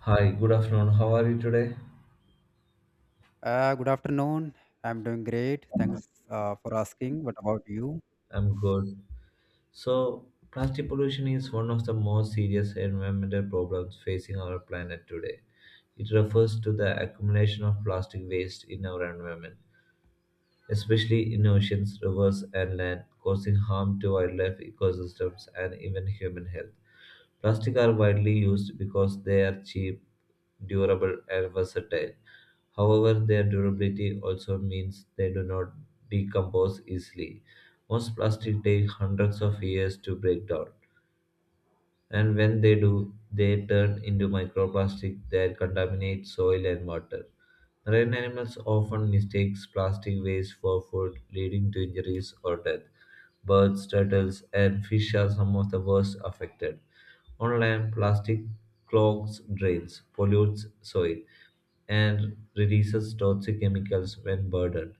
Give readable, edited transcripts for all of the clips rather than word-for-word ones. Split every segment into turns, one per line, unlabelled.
Hi, good afternoon. How are you today?
Good afternoon. I'm doing great. Thanks for asking. What about you?
I'm good. So, plastic pollution is one of the most serious environmental problems facing our planet today. It refers to the accumulation of plastic waste in our environment especially in oceans, rivers, and land, causing harm to wildlife ecosystems and even human health. Plastic are widely used because they are cheap, durable, and versatile. However, their durability also means they do not decompose easily. Most plastic take hundreds of years to break down. And when they do, they turn into microplastic that contaminate soil and water. Marine animals often mistake plastic waste for food, leading to injuries or death. Birds, turtles, and fish are some of the worst affected. On land, plastic clogs drains, pollutes soil, and releases toxic chemicals when burdened.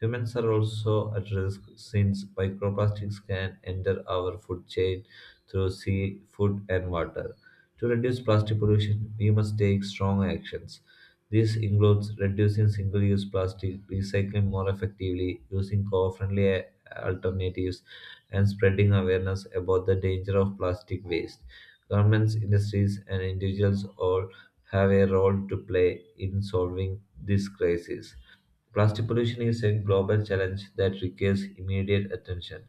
Humans are also at risk since microplastics can enter our food chain through sea, food, and water. To reduce plastic pollution, we must take strong actions. This includes reducing single use plastic, recycling more effectively, using eco friendly alternatives, and spreading awareness about the danger of plastic waste. Governments, industries, and individuals all have a role to play in solving this crisis. Plastic pollution is a global challenge that requires immediate attention.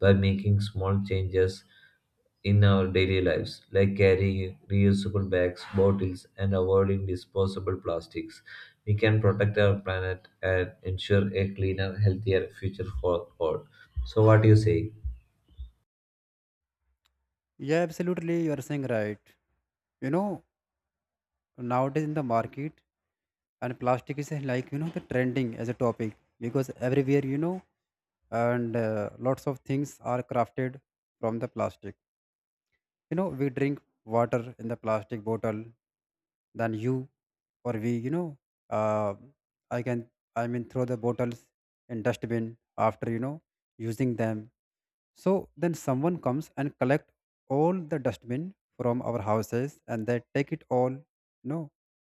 By making small changes in our daily lives, like carrying reusable bags, bottles, and avoiding disposable plastics, we can protect our planet and ensure a cleaner, healthier future for all. So, what do you say?
Yeah, absolutely. You are saying right. You know, nowadays in the market, and plastic is like you know the trending as a topic because everywhere you know, and lots of things are crafted from the plastic. You know, we drink water in the plastic bottle. Then you or we you know uh, I can, I mean, throw the bottles in dustbin after you know using them. So then someone comes and collect all the dustbin from our houses and they take it all, you know,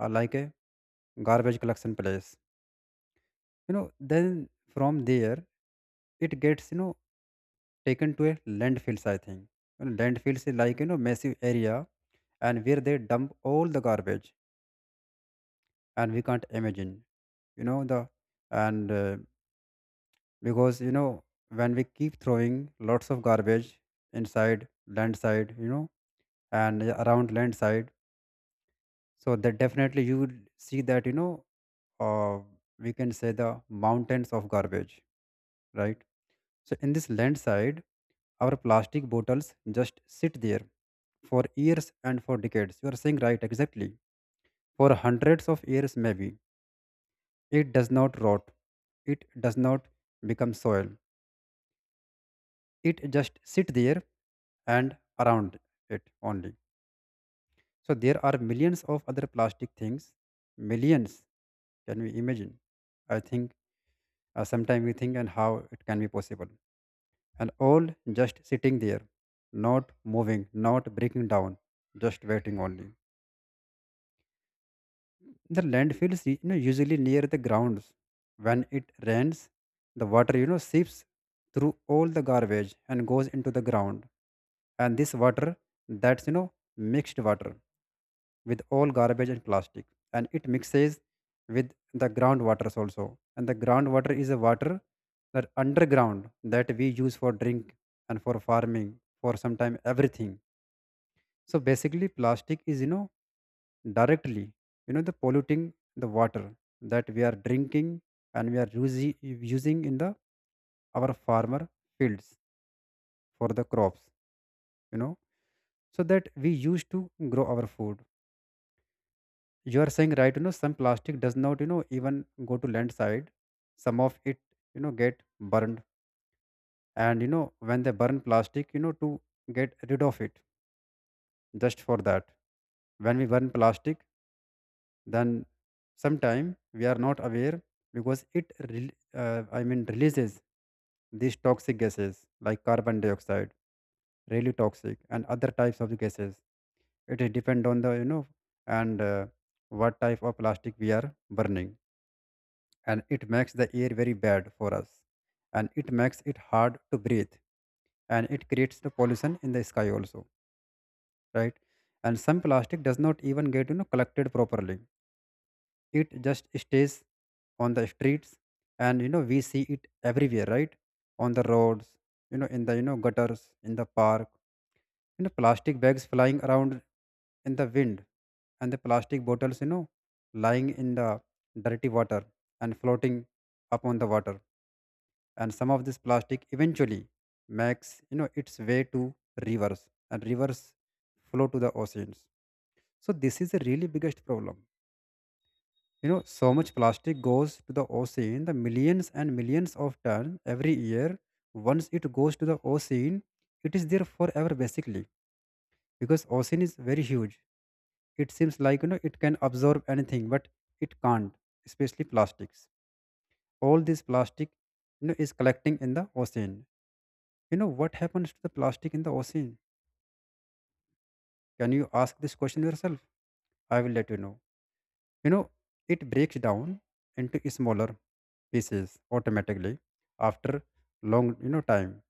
like a garbage collection place, you know. Then from there it gets you know taken to a landfills, I think. And landfills is like you know massive area, and where they dump all the garbage, and we can't imagine you know the and because you know when we keep throwing lots of garbage inside landside you know, and around landside. So that definitely you will see that you know uh, we can say the mountains of garbage, right? So in this landside our plastic bottles just sit there for years and for decades, you are saying right, exactly, for hundreds of years maybe. It does not rot. It does not become soil. It just sit there and around it only. So there are millions of other plastic things. Millions. Can we imagine? I think sometimes we think and how it can be possible. And all just sitting there, not moving, not breaking down, just waiting only. The landfill is, you know, usually near the grounds. When it rains, the water you know seeps through all the garbage and goes into the ground. And this water, that's you know mixed water with all garbage and plastic, and it mixes with the groundwaters also. And the groundwater is a water that underground that we use for drink and for farming, for sometime everything. So basically, plastic is, you know, directly, you know, the polluting the water that we are drinking, and we are using using in the our farmer fields for the crops, you know, so that we use to grow our food. You are saying right, you know, some plastic does not, you know, even go to land side. Some of it, you know, get burned. And you know, when they burn plastic, you know, to get rid of it, just for that, when we burn plastic, then sometime we are not aware because it releases these toxic gases like carbon dioxide, really toxic, and other types of the gases. It is depend on the you know and what type of plastic we are burning. And it makes the air very bad for us, and it makes it hard to breathe, and it creates the pollution in the sky also, right? And some plastic does not even get you know collected properly. It just stays on the streets, and you know we see it everywhere, right? On the roads, you know, in the you know gutters, in the park, you know, plastic bags flying around in the wind, and the plastic bottles you know lying in the dirty water and floating up on the water. And some of this plastic eventually makes you know its way to rivers, and rivers flow to the oceans. So this is a really biggest problem. You know, so much plastic goes to the ocean, the millions and millions of tons every year. Once it goes to the ocean, it is there forever basically because ocean is very huge. It seems like you know it can absorb anything, but it can't, especially plastics. All this plastic, you know, is collecting in the ocean. You know what happens to the plastic in the ocean? Can you ask this question yourself? I will let you know. You know, it breaks down into smaller pieces automatically after long you know time.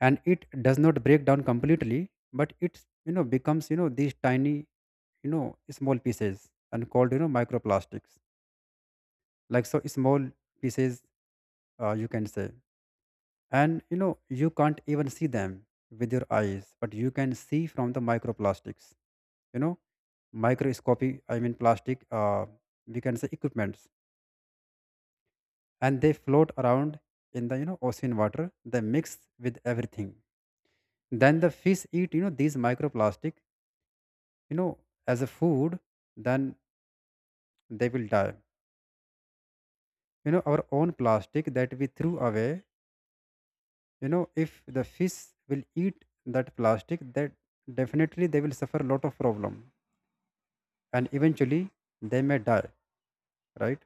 And it does not break down completely, but it you know becomes you know these tiny, you know, small pieces and called you know microplastics, like so small pieces, you can say. And you know you can't even see them with your eyes, but you can see from the microplastics, you know, microscopy, I mean plastic we can say equipments. And they float around in the you know ocean water. They mix with everything. Then the fish eat you know these microplastic, you know, as a food. Then they will die. You know, our own plastic that we threw away, you know, if the fish will eat that plastic, that definitely they will suffer a lot of problem, and eventually they may die, right?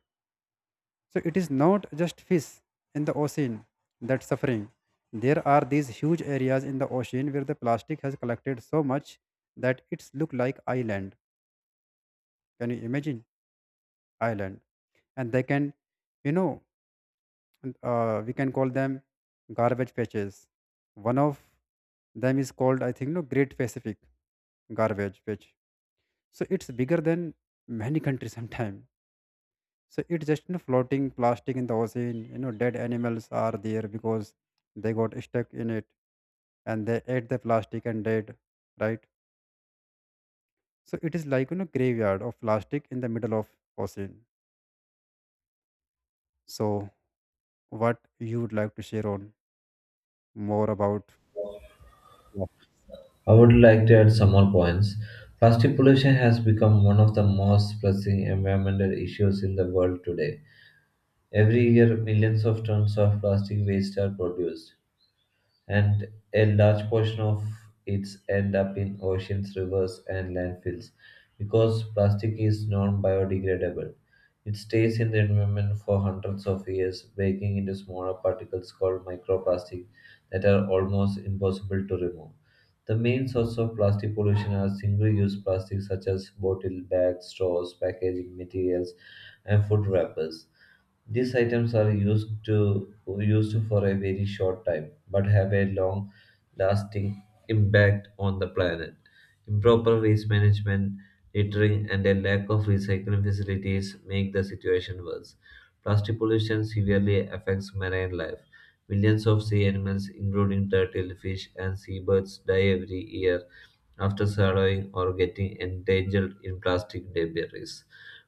So it is not just fish in the ocean that's suffering. There are these huge areas in the ocean where the plastic has collected so much that it's look like island. Can you imagine island? And they can, you know, we can call them garbage patches. One of them is called, I think, no Great Pacific garbage patch. So it's bigger than many countries sometimes. So it's just, you know, floating plastic in the ocean. You know, dead animals are there because they got stuck in it and they ate the plastic and dead, right? So it is like you know graveyard of plastic in the middle of ocean. So what you would like to share on more about plastics?
I would like to add some more points. Plastic pollution has become one of the most pressing environmental issues in the world today. Every year, millions of tons of plastic waste are produced, and a large portion of its end up in oceans, rivers, and landfills because plastic is non biodegradable. It stays in the environment for hundreds of years, breaking into smaller particles called microplastic that are almost impossible to remove. The main source of plastic pollution are single use plastics such as bottle bags, straws, packaging materials, and food wrappers. These items are used for a very short time, but have a long lasting impact on the planet. Improper waste management, littering, and a lack of recycling facilities make the situation worse. Plastic pollution severely affects marine life. Millions of sea animals, including turtle, fish, and seabirds, die every year after swallowing or getting entangled in plastic debris.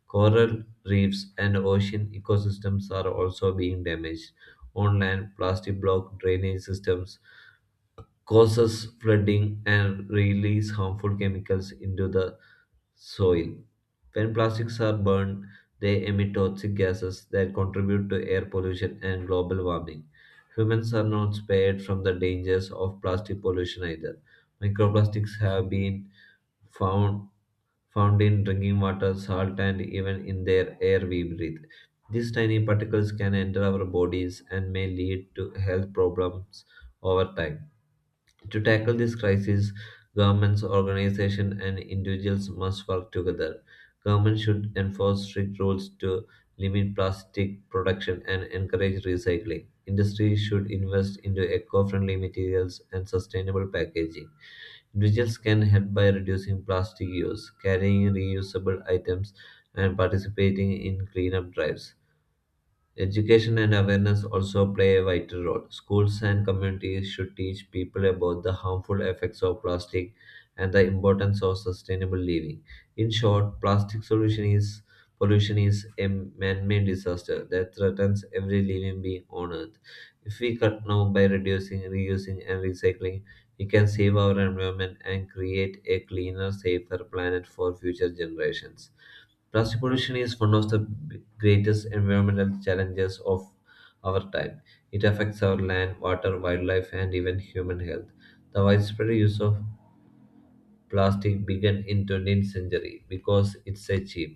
Coral reefs and ocean ecosystems are also being damaged. On land, plastic block drainage systems causes flooding and release harmful chemicals into the soil. When plastics are burned, they emit toxic gases that contribute to air pollution and global warming. Humans are not spared from the dangers of plastic pollution either. Microplastics have been found found in drinking water, salt, and even in their air we breathe. These tiny particles can enter our bodies and may lead to health problems over time. To tackle this crisis, governments, organizations, and individuals must work together. Governments should enforce strict rules to limit plastic production and encourage recycling. Industries should invest into eco-friendly materials and sustainable packaging. Individuals can help by reducing plastic use, carrying reusable items, and participating in cleanup drives. Education and awareness also play a vital role. Schools and communities should teach people about the harmful effects of plastic and the importance of sustainable living. In short, plastic solution is pollution is a man-made disaster that threatens every living being on earth. If we cut now by reducing, reusing and recycling, we can save our environment and create a cleaner, safer planet for future generations. Plastic pollution is one of the greatest environmental challenges of our time. It affects our land, water, wildlife, and even human health. The widespread use of plastic began in 20th century because it's a cheap,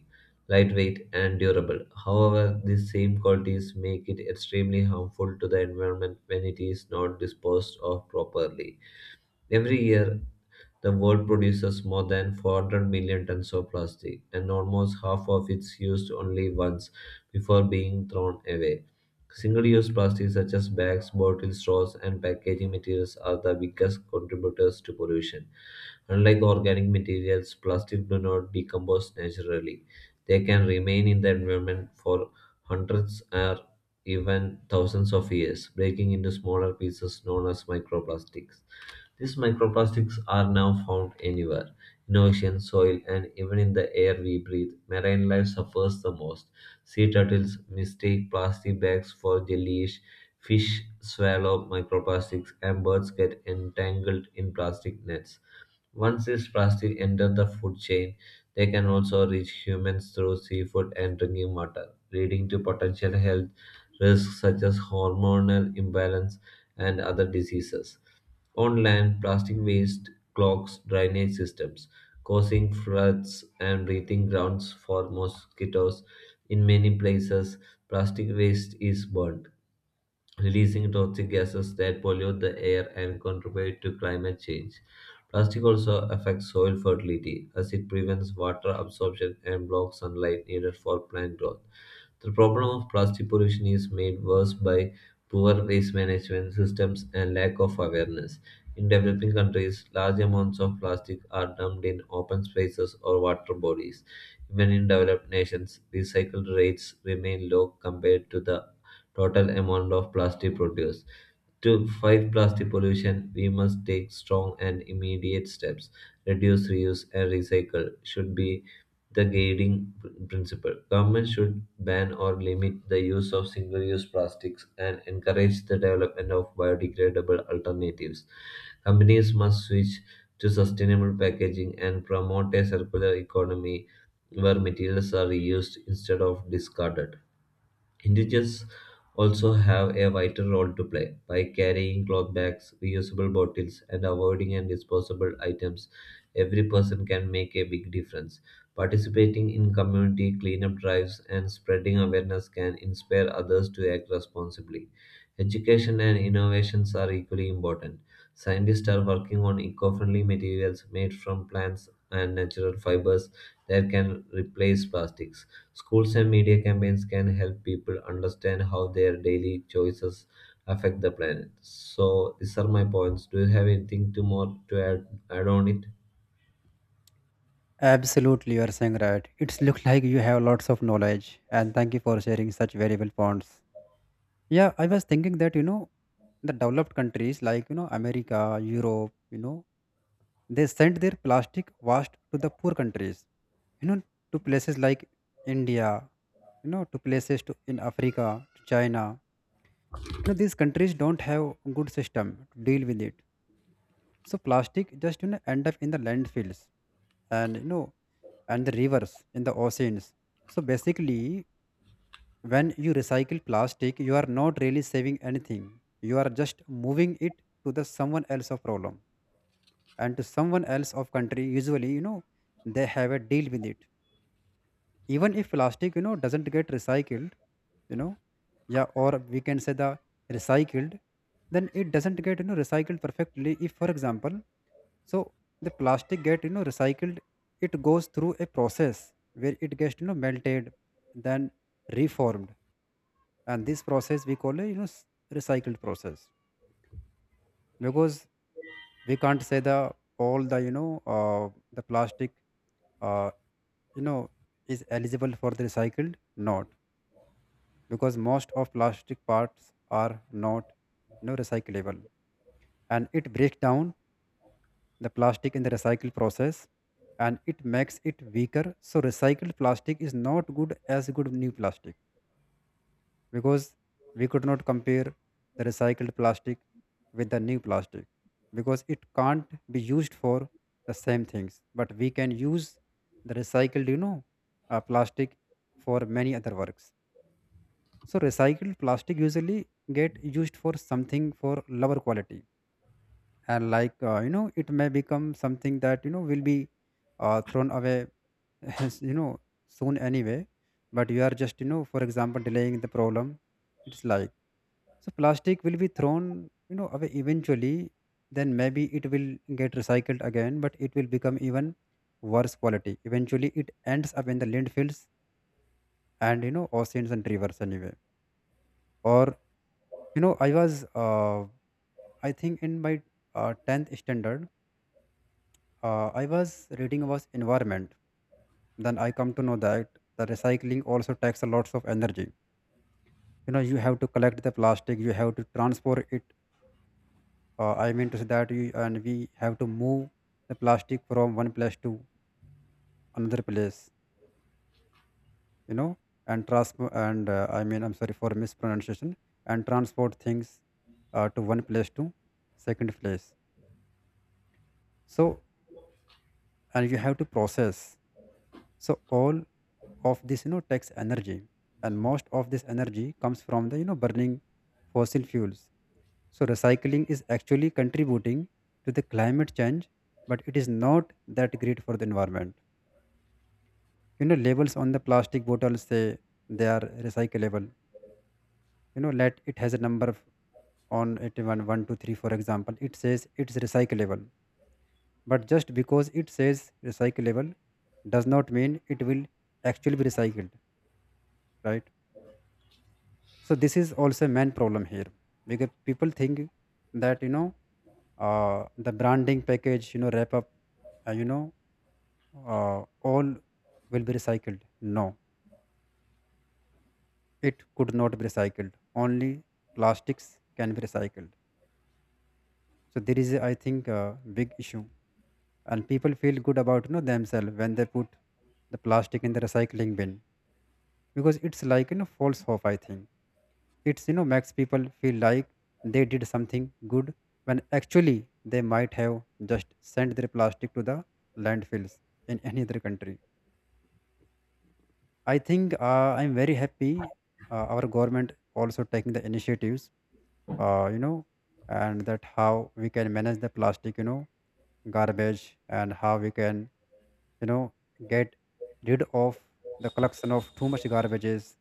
lightweight, and durable. However, these same qualities make it extremely harmful to the environment when it is not disposed of properly. Every year, the world produces more than 400 million tons of plastic, and almost half of it's used only once before being thrown away. Single use plastics such as bags, bottles, straws, and packaging materials are the biggest contributors to pollution. Unlike organic materials, plastic do not decompose naturally. They can remain in the environment for hundreds or even thousands of years, breaking into smaller pieces known as microplastics. These microplastics are now found anywhere in ocean, soil, and even in the air we breathe. Marine life suffers the most. Sea turtles mistake plastic bags for jellyfish, fish swallow microplastics, and birds get entangled in plastic nets. Once these plastics enter the food chain, they can also reach humans through seafood and drinking water, leading to potential health risks such as hormonal imbalance and other diseases. On land, plastic waste clogs drainage systems, causing floods and breeding grounds for mosquitoes. In many places, plastic waste is burned, releasing toxic gases that pollute the air and contribute to climate change. Plastic also affects soil fertility as it prevents water absorption and blocks sunlight needed for plant growth. The problem of plastic pollution is made worse by poor waste management systems and lack of awareness. In developing countries, large amounts of plastic are dumped in open spaces or water bodies. Even in developed nations, recycle rates remain low compared to the total amount of plastic produced. To fight plastic pollution, we must take strong and immediate steps. Reduce, reuse, and recycle should be the guiding principle. Government should ban or limit the use of single-use plastics and encourage the development of biodegradable alternatives. Companies must switch to sustainable packaging and promote a circular economy where materials are reused instead of discarded. Individuals also have a vital role to play by carrying cloth bags, reusable bottles, and avoiding and disposable items. Every person can make a big difference. Participating in community cleanup drives and spreading awareness can inspire others to act responsibly. Education and innovations are equally important. Scientists are working on eco friendly materials made from plants and natural fibers that can replace plastics. Schools and media campaigns can help people understand how their daily choices affect the planet. So these are my points. Do you have anything to more to add on it?
Absolutely, you are saying right. It's look like you have lots of knowledge, and thank you for sharing such valuable points. Yeah, I was thinking that, you know, the developed countries like, you know, America, Europe, you know, they sent their plastic waste to the poor countries, you know, to places like India, you know, to places to, in Africa, to China. You know, these countries don't have good system to deal with it. So plastic just, you know, end up in the landfills and, you know, and the rivers in the oceans. So basically, when you recycle plastic, you are not really saving anything. You are just moving it to the someone else of problem and to someone else of country. Usually, you know, they have a deal with it. Even if plastic, you know, doesn't get recycled, you know, yeah, or we can say the recycled, then it doesn't get you know recycled perfectly. If, for example, so the plastic get you know recycled, it goes through a process where it gets you know melted, then reformed. And this process we call it you know recycled process, because we can't say the all the you know the plastic uh, you know is eligible for the recycled not, because most of plastic parts are not you know recyclable. And it breaks down the plastic in the recycle process, and it makes it weaker. So recycled plastic is not good as good new plastic, because we could not compare the recycled plastic with the new plastic, because it can't be used for the same things. But we can use the recycled, you know, plastic for many other works. So recycled plastic usually get used for something for lower quality. And like you know it may become something that you know will be thrown away as, you know, soon anyway. But you are just you know for example delaying the problem. It's like, so plastic will be thrown, you know, away eventually. Then maybe it will get recycled again, but it will become even worse quality. Eventually, it ends up in the landfills and you know oceans and rivers anyway. Or you know, I was, I think, in my tenth standard, I was reading about environment. Then I come to know that the recycling also takes a lots of energy. You know, you have to collect the plastic, you have to transport it I mean to say that you and we have to move the plastic from one place to another place, you know. And trans and uh, i mean I'm sorry for mispronunciation. And transport things to one place to second place. So and you have to process. So all of this you know takes energy. And most of this energy comes from the you know burning fossil fuels. So recycling is actually contributing to the climate change, but it is not that great for the environment. You know, labels on the plastic bottles say they are recyclable. You know, let it has a number on it, 1 1 2 3 for example, it says it's recyclable. But just because it says recyclable does not mean it will actually be recycled, right? So this is also a main problem here, because people think that, you know, uh, the branding package you know wrap up, uh, you know uh, all will be recycled. No, it could not be recycled. Only plastics can be recycled. So there is I think a big issue. And people feel good about you know themselves when they put the plastic in the recycling bin, because it's like you know false hope, I think. It's you know makes people feel like they did something good, when actually they might have just sent their plastic to the landfills in any other country, I think. I'm very happy our government also taking the initiatives, you know, and that how we can manage the plastic you know garbage, and how we can you know get rid of the collection of too much garbages.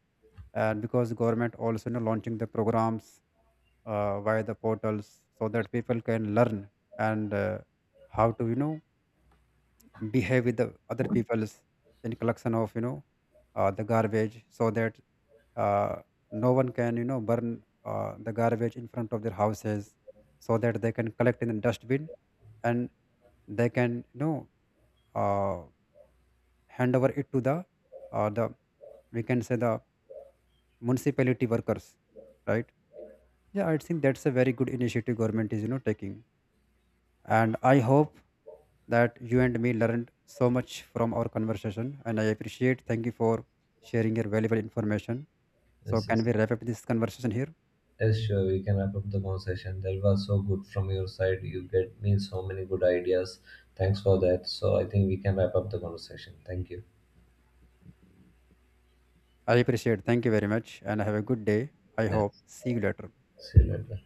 And because government also, you know, launching the programs via the portals so that people can learn and how to you know behave with the other people's in collection of you know the garbage, so that uh, no one can you know burn the garbage in front of their houses, so that they can collect in the dustbin, and they can you know uh, hand over it to the the we can say the municipality workers, right? Yeah, I think that's a very good initiative government is you know taking. And I hope that you and me learned so much from our conversation. And I appreciate. Thank you for sharing your valuable information. So,
Yes,
can
yes.
we wrap up this conversation here?
Yes, sure. We can wrap up the conversation. That was so good from your side. You get me so many good ideas. Thanks for that. So I think we can wrap up the conversation. Thank you.
I appreciate. Thank you very much. And have a good day. I
Yeah.
hope. See you later.
See you later.